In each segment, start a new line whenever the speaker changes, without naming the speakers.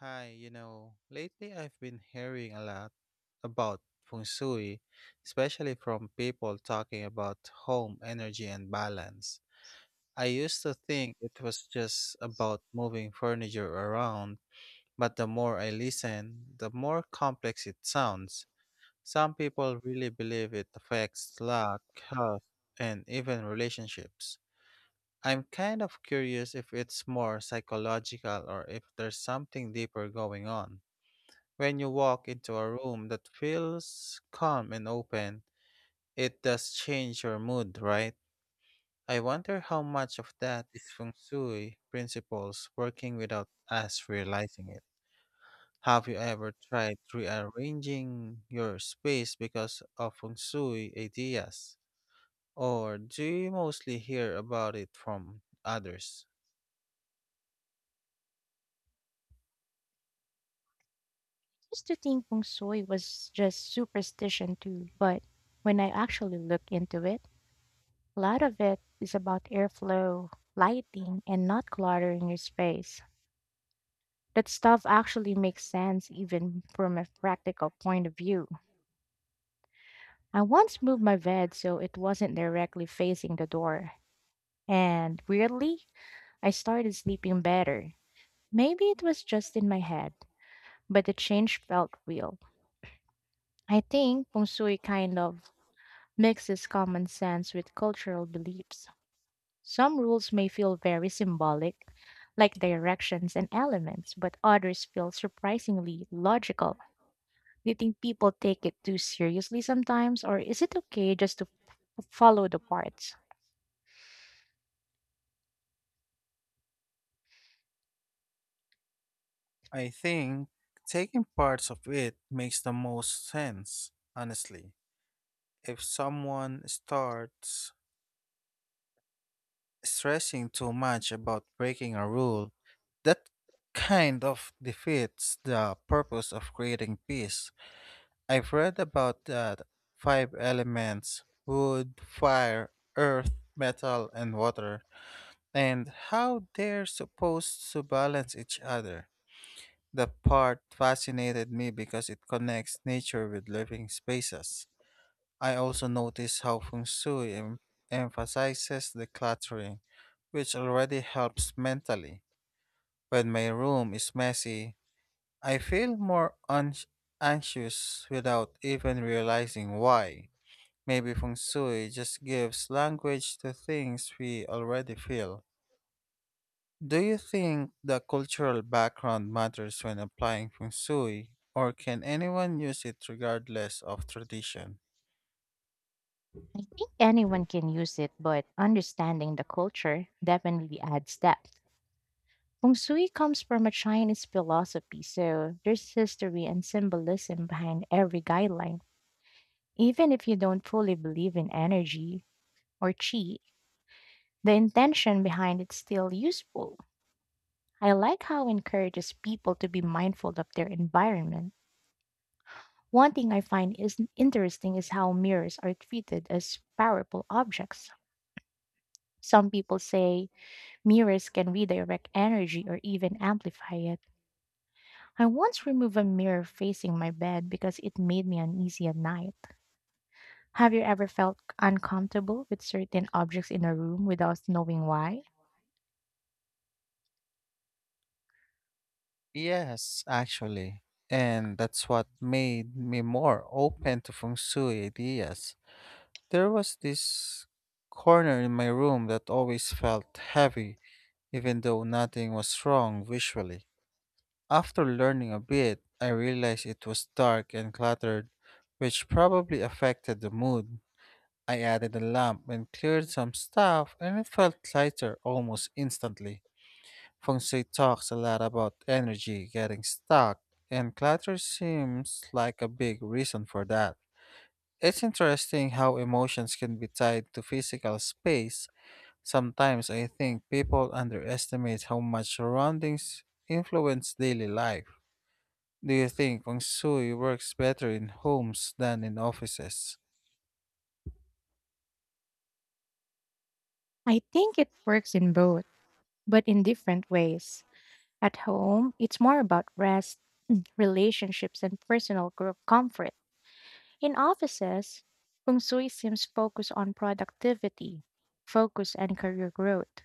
Lately I've been hearing a lot about feng shui, especially from people talking about home energy and balance. I used to think it was just about moving furniture around, but the more I listen, the more complex it sounds. Some people really believe it affects luck, health, and even relationships. I'm kind of curious if it's more psychological or if there's something deeper going on. When you walk into a room that feels calm and open, it does change your mood, right? I wonder how much of that is feng shui principles working without us realizing it. Have you ever tried rearranging your space because of feng shui ideas? Or do you mostly hear about it from others?
Used to think feng shui was just superstition too, but when I actually look into it, a lot of it is about airflow, lighting, and not cluttering your space. That stuff actually makes sense even from a practical point of view. I once moved my bed so it wasn't directly facing the door, and weirdly, I started sleeping better. Maybe it was just in my head, but the change felt real. I think feng shui kind of mixes common sense with cultural beliefs. Some rules may feel very symbolic, like directions and elements, but others feel surprisingly logical. Do you think people take it too seriously sometimes, or is it okay just to follow the parts?
I think taking parts of it makes the most sense, honestly. If someone starts stressing too much about breaking a rule, that kind of defeats the purpose of creating peace. I've read about that five elements wood, fire, earth, metal, and water, and how they're supposed to balance each other. The part fascinated me because it connects nature with living spaces. I also notice how feng shui emphasizes decluttering, which already helps mentally. When my room is messy, I feel more anxious without even realizing why. Maybe feng shui just gives language to things we already feel. Do you think the cultural background matters when applying feng shui, or can anyone use it regardless of tradition?
I think anyone can use it, but understanding the culture definitely adds depth. Feng Shui comes from a Chinese philosophy, so there's history and symbolism behind every guideline. Even if you don't fully believe in energy or chi, the intention behind it's still useful. I like how it encourages people to be mindful of their environment. One thing I find is interesting is how mirrors are treated as powerful objects. Some people say mirrors can redirect energy or even amplify it. I once removed a mirror facing my bed because it made me uneasy at night. Have you ever felt uncomfortable with certain objects in a room without knowing why?
Yes, actually. And that's what made me more open to feng shui ideas. There was this corner in my room that always felt heavy, even though nothing was wrong visually. After learning a bit, I realized it was dark and cluttered, which probably affected the mood. I added a lamp and cleared some stuff, and it felt lighter almost instantly. Feng Shui talks a lot about energy getting stuck, and clutter seems like a big reason for that. It's interesting how emotions can be tied to physical space. Sometimes I think people underestimate how much surroundings influence daily life. Do you think Feng Shui works better in homes than in offices?
I think it works in both, but in different ways. At home, it's more about rest, relationships, and personal comfort. In offices, feng shui seems focused on productivity, focus, and career growth.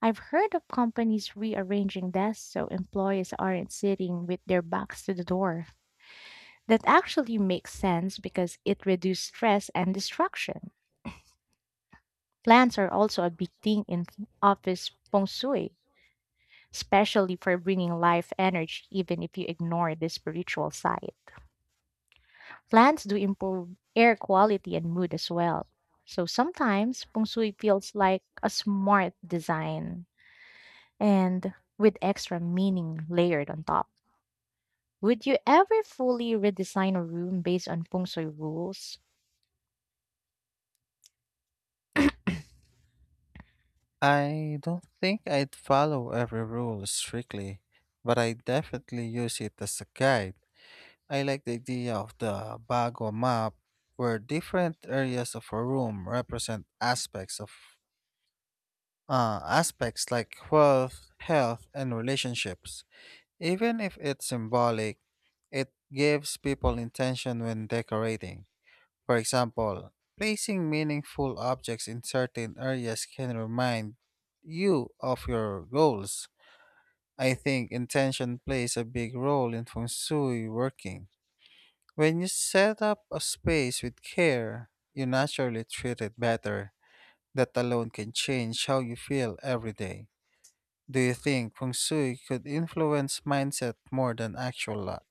I've heard of companies rearranging desks so employees aren't sitting with their backs to the door. That actually makes sense because it reduces stress and distraction. Plants are also a big thing in office feng shui, especially for bringing life energy even if you ignore the spiritual side. Plants do improve air quality and mood as well. So sometimes feng shui feels like a smart design and with extra meaning layered on top. Would you ever fully redesign a room based on feng shui rules?
I don't think I'd follow every rule strictly, but I definitely use it as a guide. I like the idea of the bag or map where different areas of a room represent aspects like wealth, health, and relationships. Even if it's symbolic, it gives people intention when decorating. For example, placing meaningful objects in certain areas can remind you of your goals. I think intention plays a big role in feng shui working. When you set up a space with care, you naturally treat it better. That alone can change how you feel every day. Do you think feng shui could influence mindset more than actual luck?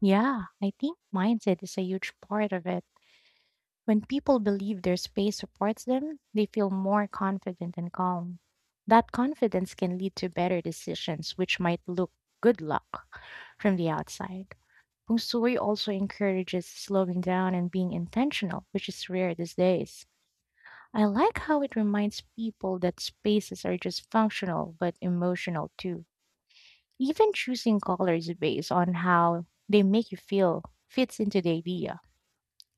Yeah, I think mindset is a huge part of it. When people believe their space supports them, they feel more confident and calm. That confidence can lead to better decisions, which might look good luck from the outside. Feng Shui also encourages slowing down and being intentional, which is rare these days. I like how it reminds people that spaces are just functional but emotional too. Even choosing colors based on how they make you feel fits into the idea.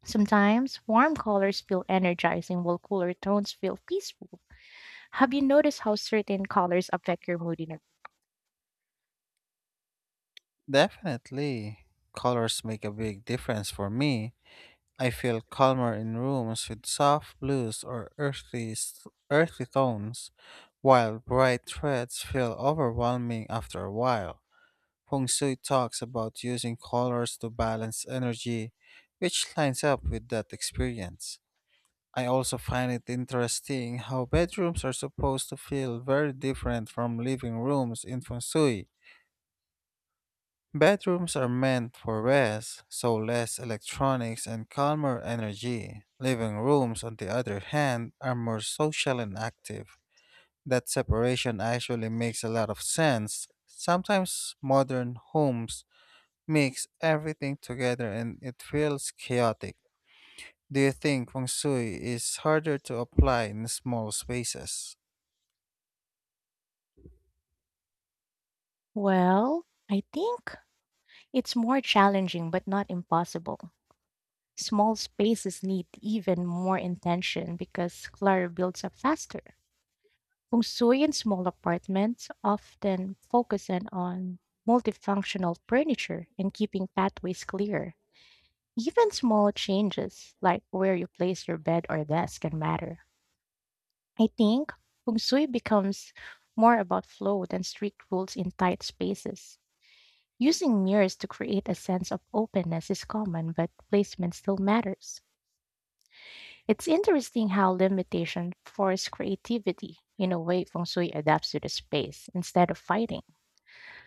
Sometimes warm colors feel energizing while cooler tones feel peaceful. Have you noticed how certain colors affect your mood in a
Definitely. Colors make a big difference for me. I feel calmer in rooms with soft blues or earthy tones, while bright reds feel overwhelming after a while. Feng Shui talks about using colors to balance energy, which lines up with that experience. I also find it interesting how bedrooms are supposed to feel very different from living rooms in Feng Shui. Bedrooms are meant for rest, so less electronics and calmer energy. Living rooms, on the other hand, are more social and active. That separation actually makes a lot of sense. Sometimes modern homes mix everything together and it feels chaotic. Do you think feng shui is harder to apply in small spaces?
I think it's more challenging but not impossible. Small spaces need even more intention because clutter builds up faster. Feng Shui in small apartments often focus in on multifunctional furniture and keeping pathways clear. Even small changes, like where you place your bed or desk, can matter. I think feng shui becomes more about flow than strict rules in tight spaces. Using mirrors to create a sense of openness is common, but placement still matters. It's interesting how limitation forces creativity. In a way, feng shui adapts to the space instead of fighting.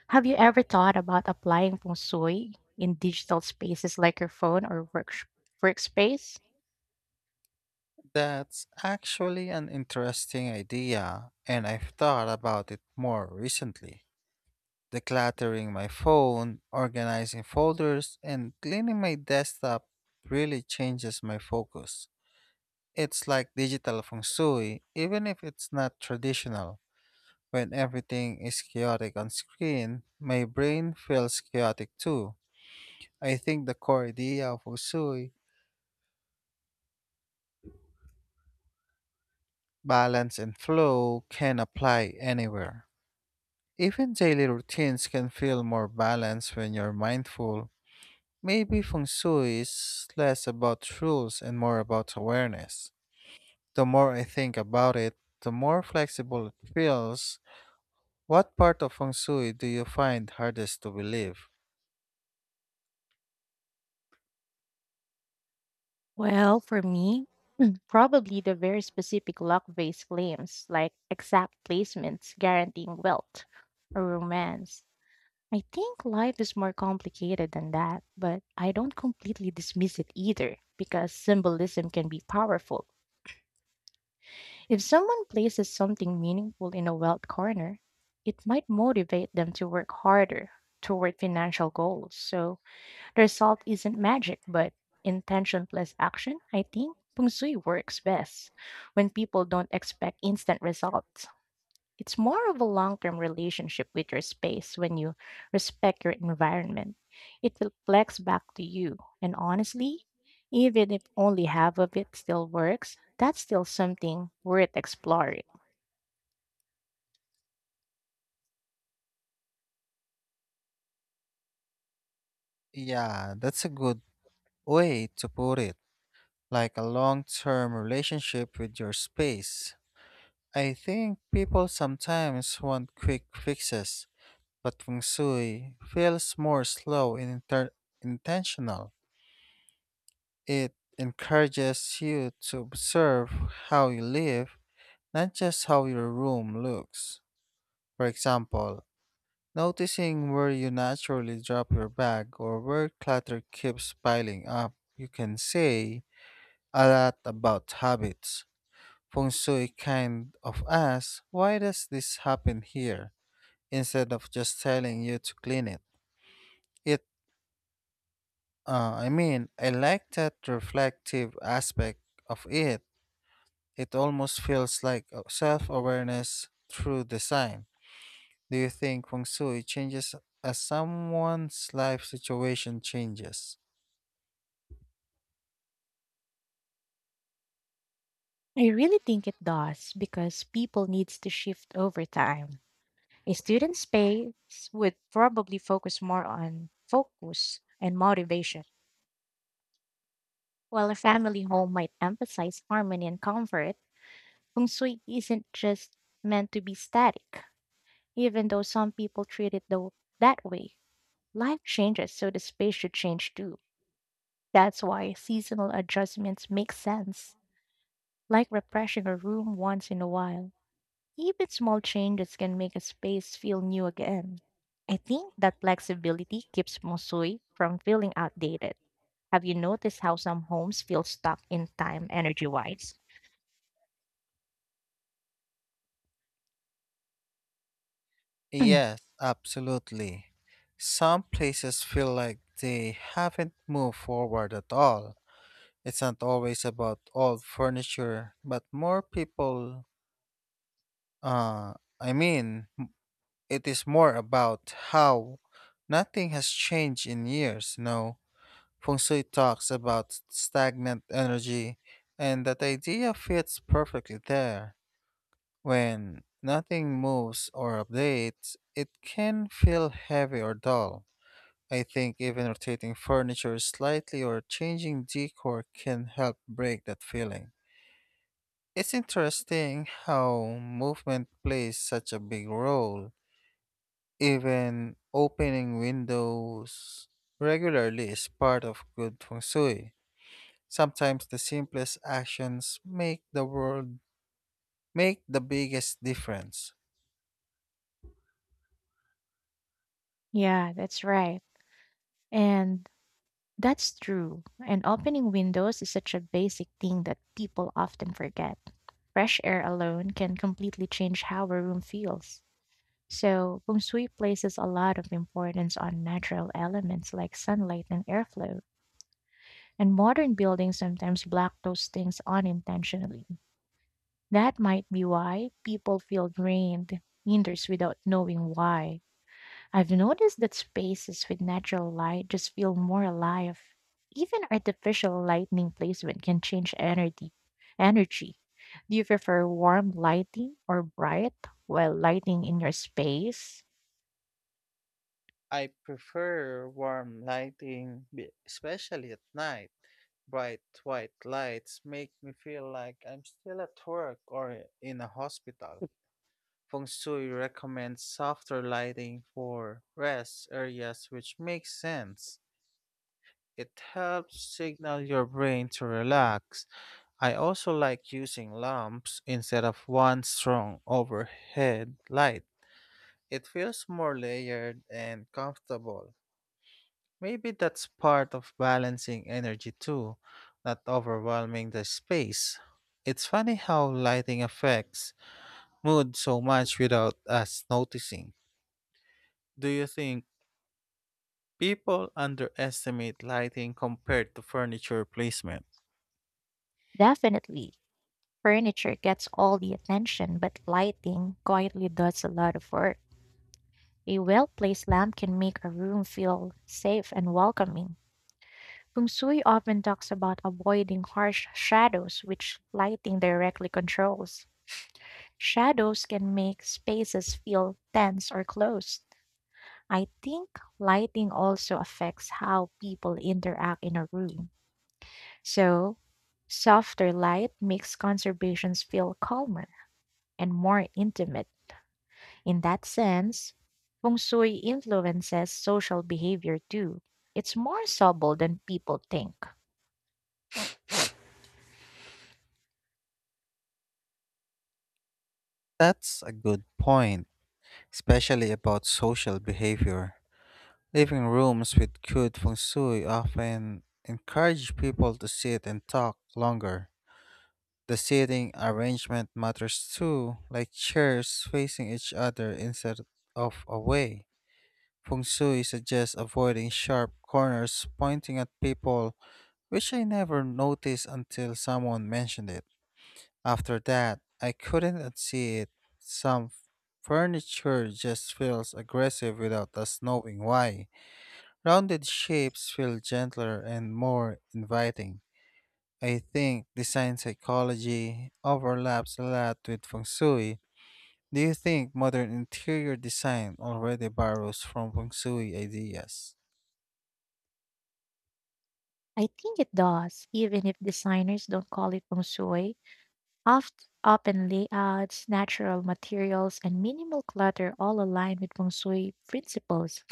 Have you ever thought about applying feng shui in digital spaces like your phone or workspace?
That's actually an interesting idea, and I've thought about it more recently. Decluttering my phone, organizing folders, and cleaning my desktop really changes my focus. It's like digital feng shui, even if it's not traditional. When everything is chaotic on screen, my brain feels chaotic too. I think the core idea of Usui, balance and flow, can apply anywhere. Even daily routines can feel more balanced when you're mindful. Maybe feng shui is less about rules and more about awareness. The more I think about it, the more flexible it feels. What part of feng shui do you find hardest to believe?
Well, for me, probably the very specific luck based claims, like exact placements guaranteeing wealth or romance. I think life is more complicated than that, but I don't completely dismiss it either because symbolism can be powerful. If someone places something meaningful in a wealth corner, it might motivate them to work harder toward financial goals. So, the result isn't magic, but intention plus action, I think. Feng Shui works best when people don't expect instant results. It's more of a long term relationship with your space when you respect your environment. It reflects back to you. And honestly, even if only half of it still works, that's still something worth exploring.
Yeah, that's a good way to put it, like a long term relationship with your space. I think people sometimes want quick fixes, but feng shui feels more slow and intentional. It encourages you to observe how you live, not just how your room looks. For example, noticing where you naturally drop your bag or where clutter keeps piling up, you can say, a lot about habits. Feng Shui kind of asks, why does this happen here? Instead of just telling you to clean it. It, I like that reflective aspect of it. It almost feels like self awareness through design. Do you think Feng Shui changes as someone's life situation changes?
I really think it does because people needs to shift over time. A student space would probably focus more on focus and motivation, while a family home might emphasize harmony and comfort. Feng Shui isn't just meant to be static, even though some people treat it though that way. Life changes, so the space should change too. That's why seasonal adjustments make sense, like refreshing a room once in a while. Even small changes can make a space feel new again. I think that flexibility keeps Mosui from feeling outdated. Have you noticed how some homes feel stuck in time energy wise?
Yes, absolutely. Some places feel like they haven't moved forward at all. It's not always about old furniture, but more people, uh, I mean, it is more about how nothing has changed in years, no? Feng Shui talks about stagnant energy, and that idea fits perfectly there. When nothing moves or updates, it can feel heavy or dull. I think even rotating furniture slightly or changing decor can help break that feeling. It's interesting how movement plays such a big role. Even opening windows regularly is part of good feng shui. Sometimes the simplest actions make the biggest difference.
Yeah, that's right. And that's true. And opening windows is such a basic thing that people often forget. Fresh air alone can completely change how a room feels. So, feng places a lot of importance on natural elements like sunlight and airflow. And modern buildings sometimes block those things unintentionally. That might be why people feel drained, indoors without knowing why. I've noticed that spaces with natural light just feel more alive. Even artificial lighting placement can change energy. Energy. Do you prefer warm lighting or bright while lighting in your space?
I prefer warm lighting, especially at night. Bright white lights make me feel like I'm still at work or in a hospital. Feng Shui recommends softer lighting for rest areas, which makes sense. It helps signal your brain to relax. I also like using lamps instead of one strong overhead light. It feels more layered and comfortable. Maybe that's part of balancing energy too, not overwhelming the space. It's funny how lighting affects mood so much without us noticing. Do you think people underestimate lighting compared to furniture placement?
Definitely. Furniture gets all the attention, but lighting quietly does a lot of work. A well placed lamp can make a room feel safe and welcoming. Feng Shui often talks about avoiding harsh shadows, which lighting directly controls. Shadows can make spaces feel tense or closed. I think lighting also affects how people interact in a room. So, softer light makes conversations feel calmer and more intimate. In that sense, feng shui influences social behavior too. It's more subtle than people think.
That's a good point, especially about social behavior. Living rooms with good feng shui often encourage people to sit and talk longer. The seating arrangement matters too, like chairs facing each other instead of away. Feng Shui suggests avoiding sharp corners pointing at people, which I never noticed until someone mentioned it. After that, I couldn't unsee it. Some furniture just feels aggressive without us knowing why. Rounded shapes feel gentler and more inviting. I think design psychology overlaps a lot with feng shui. Do you think modern interior design already borrows from feng shui ideas?
I think it does, even if designers don't call it feng shui. Oft, open layouts, natural materials, and minimal clutter all align with feng shui principles.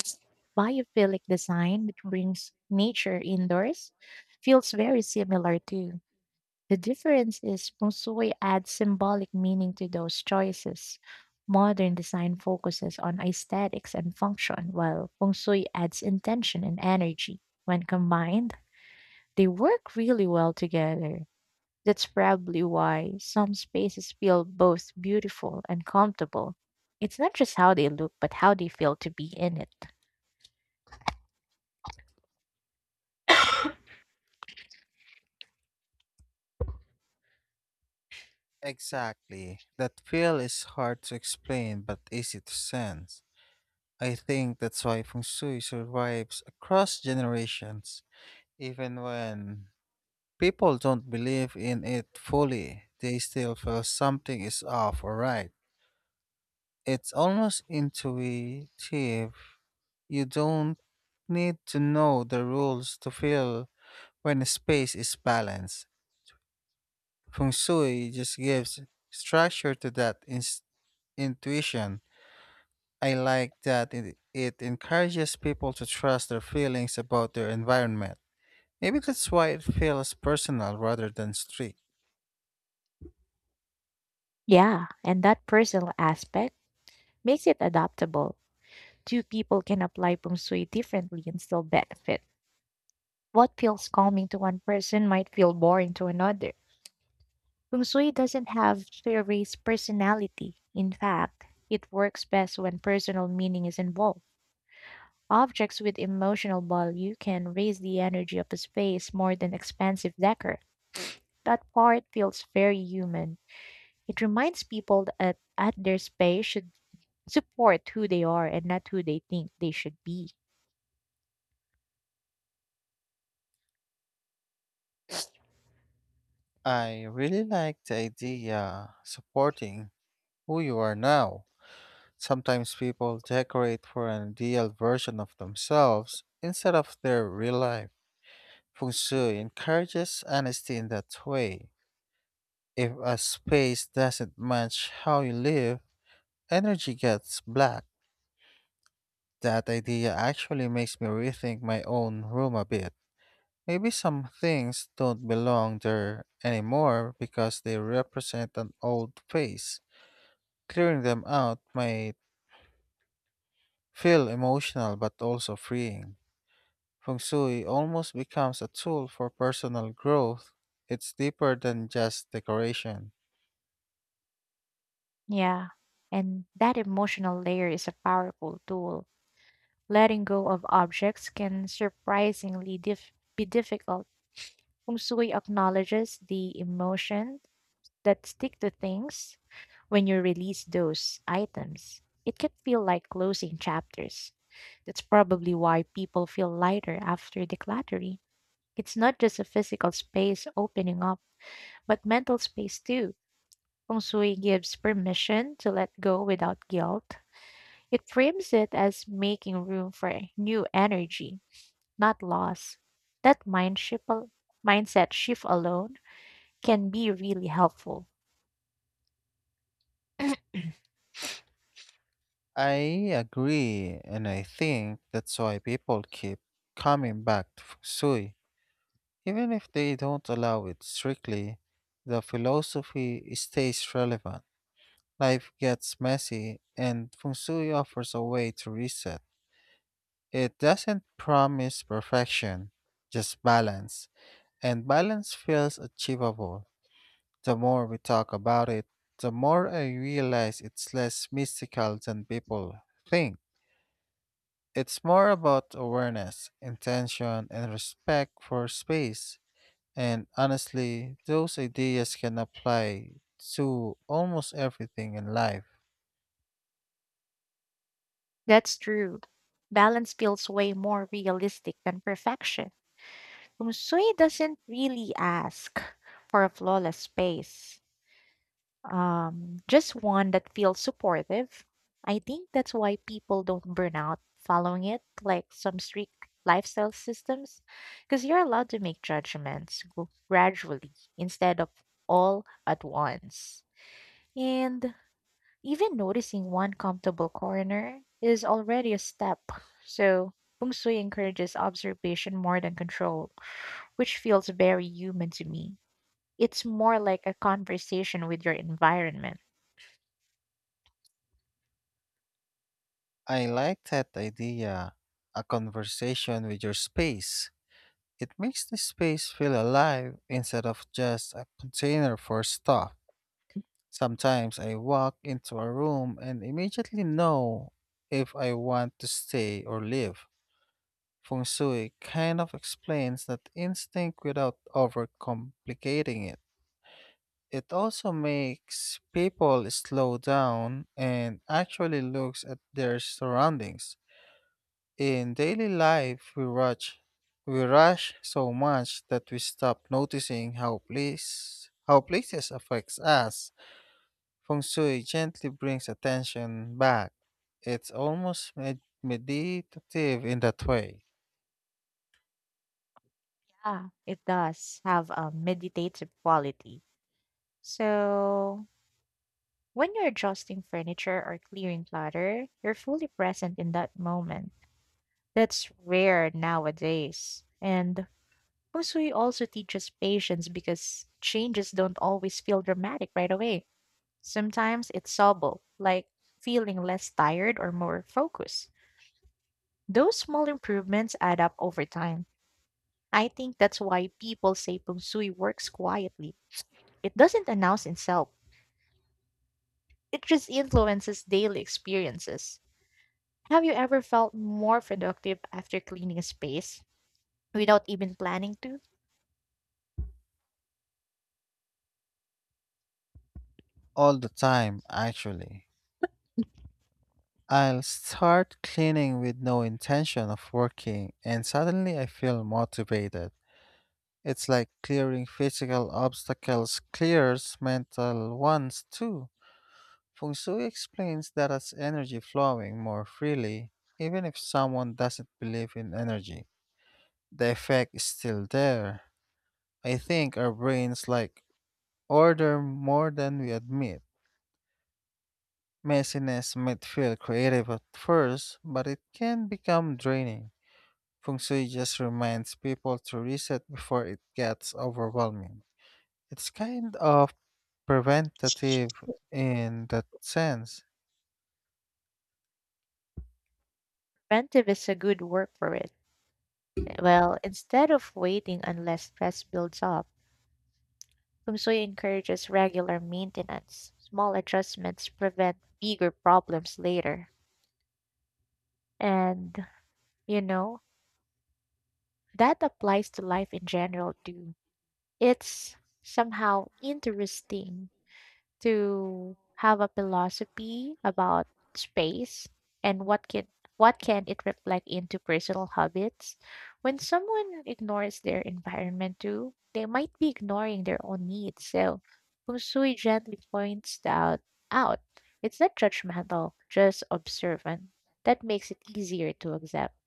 Biophilic design, which brings nature indoors, feels very similar too. The difference is feng shui adds symbolic meaning to those choices. Modern design focuses on aesthetics and function, while feng shui adds intention and energy. When combined, they work really well together. That's probably why some spaces feel both beautiful and comfortable. It's not just how they look, but how they feel to be in it.
Exactly. That feel is hard to explain but easy to sense. I think that's why feng shui survives across generations. Even when people don't believe in it fully, they still feel something is off or right. It's almost intuitive. You don't need to know the rules to feel when a space is balanced. Feng Shui just gives structure to that intuition. I like that it encourages people to trust their feelings about their environment. Maybe that's why it feels personal rather than strict.
Yeah, and that personal aspect makes it adaptable. Two people can apply feng shui differently and still benefit. What feels calming to one person might feel boring to another. Feng Shui doesn't have theories personality. In fact, it works best when personal meaning is involved. Objects with emotional value can raise the energy of a space more than expensive decor. That part feels very human. It reminds people that at their space should support who they are and not who they think they should be.
I really like the idea supporting who you are now. Sometimes people decorate for an ideal version of themselves instead of their real life. Feng Shui encourages honesty in that way. If a space doesn't match how you live, energy gets blocked. That idea actually makes me rethink my own room a bit. Maybe some things don't belong there anymore because they represent an old phase. Clearing them out might feel emotional but also freeing. Feng Shui almost becomes a tool for personal growth. It's deeper than just decoration.
Yeah. And that emotional layer is a powerful tool. Letting go of objects can surprisingly be difficult. Feng Shui acknowledges the emotion that stick to things. When you release those items, it can feel like closing chapters. That's probably why people feel lighter after decluttering. It's not just a physical space opening up, but mental space too. Feng Shui gives permission to let go without guilt. It frames it as making room for new energy, not loss. That mindset shift alone can be really helpful.
I agree, and I think that's why people keep coming back to feng shui. Even if they don't allow it strictly, the philosophy stays relevant. Life gets messy, and feng shui offers a way to reset. It doesn't promise perfection, just balance, and balance feels achievable. The more we talk about it, the more I realize it's less mystical than people think. It's more about awareness, intention, and respect for space. And honestly, those ideas can apply to almost everything in life.
That's true. Balance feels way more realistic than perfection. Feng Shui doesn't really ask for a flawless space, just one that feels supportive. I think that's why people don't burn out following it, like some strict lifestyle systems, because you're allowed to make judgments gradually instead of all at once. And even noticing one comfortable corner is already a step. So, feng shui encourages observation more than control, which feels very human to me. It's more like a conversation with your environment.
I like that idea a conversation with your space. It makes the space feel alive instead of just a container for stuff. Sometimes I walk into a room and immediately know if I want to stay or leave. Feng Shui kind of explains that instinct without overcomplicating it. It also makes people slow down and actually looks at their surroundings. In daily life, we rush so much that we stop noticing how places affects us. Feng Shui gently brings attention back. It's almost meditative in that way,
Yeah, it does have a meditative quality. So, when you're adjusting furniture or clearing clutter, you're fully present in that moment. That's rare nowadays. And Fusui also teaches patience because changes don't always feel dramatic right away. Sometimes it's subtle, like feeling less tired or more focused. Those small improvements add up over time. I think that's why people say Fusui works quietly. It doesn't announce itself. It just influences daily experiences. Have you ever felt more productive after cleaning a space without even planning to?
all the time, actually. I'll start cleaning with no intention of working, and suddenly I feel motivated. It's like clearing physical obstacles clears mental ones too. Feng Shui explains that as energy flowing more freely, even if someone doesn't believe in energy, the effect is still there. I think our brains like order more than we admit. Messiness might feel creative at first, but it can become draining. Feng Shui just reminds people to reset before it gets overwhelming. It's kind of preventative in that sense.
Preventive is a good word for it. Well, instead of waiting unless stress builds up, Kumsuy encourages regular maintenance. Small adjustments prevent bigger problems later. And, you know, that applies to life in general too. It's somehow interesting to have a philosophy about space and what can it reflect into personal habits. When someone ignores their environment too, they might be ignoring their own needs. So Feng Shui gently points that out. It's not judgmental, just observant. That makes it easier to accept.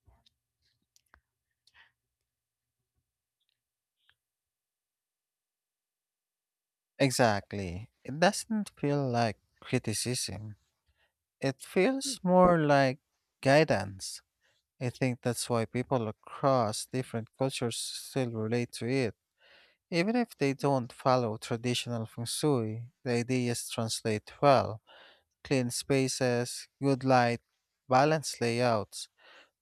Exactly. It doesn't feel like criticism, it feels more like guidance. I think that's why people across different cultures still relate to it. Even if they don't follow traditional feng shui, the ideas translate well. Clean spaces, good light, balanced layouts.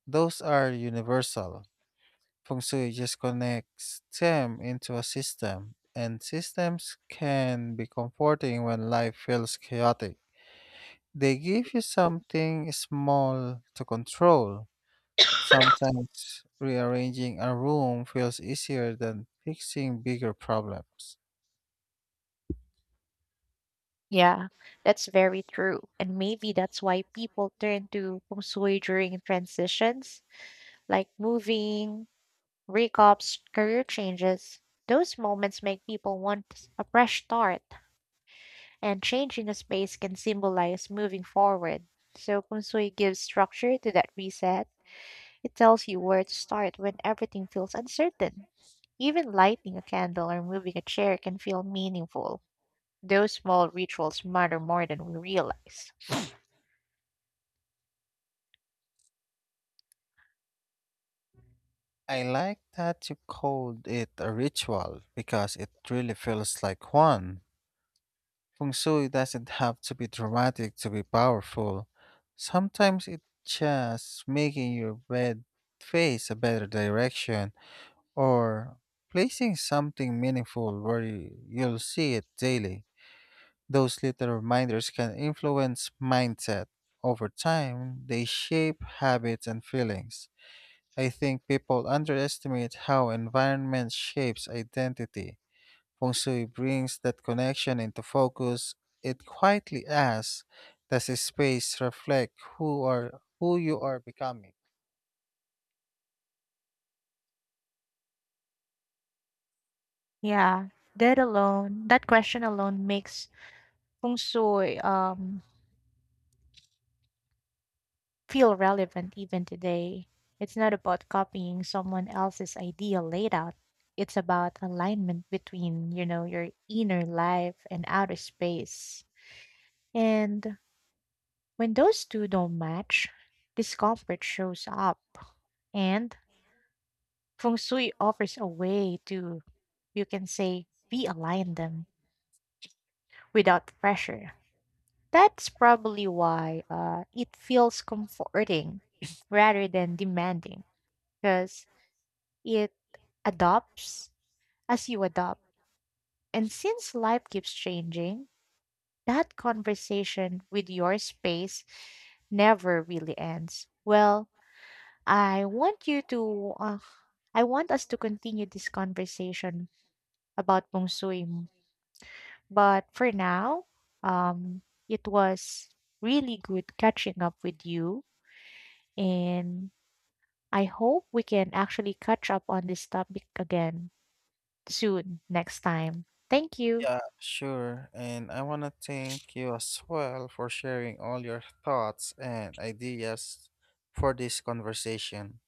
Those are universal. Feng Shui just connects them into a system, and systems can be comforting when life feels chaotic. They give you something small to control. Sometimes rearranging a room feels easier than fixing bigger problems.
Yeah, that's very true. And maybe that's why people turn to feng shui during transitions, like moving, Recaps, career changes. Those moments make people want a fresh start, and changing a space can symbolize moving forward. So, Kung Sui gives structure to that reset. It tells you where to start when everything feels uncertain. Even lighting a candle or moving a chair can feel meaningful. Those small rituals matter more than we realize.
I like that you called it a ritual because it really feels like one. Feng Shui doesn't have to be dramatic to be powerful. Sometimes it's just making your bed face a better direction or placing something meaningful where you'll see it daily. Those little reminders can influence mindset. Over time, they shape habits and feelings. I think people underestimate how environment shapes identity. Feng Shui brings that connection into focus. It quietly asks, does this space reflect who you are becoming?
Yeah, that alone, that question alone makes feng shui feel relevant even today. It's not about copying someone else's ideal layout. It's about alignment between, your inner life and outer space. And when those two don't match, discomfort shows up. And feng shui offers a way to, you can say, realign them without pressure. That's probably why it feels comforting rather than demanding because it adopts as you adopt. And since life keeps changing, that conversation with your space never really ends. Well, I want you to, uh, I want us to continue this conversation about Bong Sui. But for now, um, it was really good catching up with you. And I hope we can actually catch up on this topic again soon next time. Thank you.
Yeah, sure. And I wanna thank you as well for sharing all your thoughts and ideas for this conversation.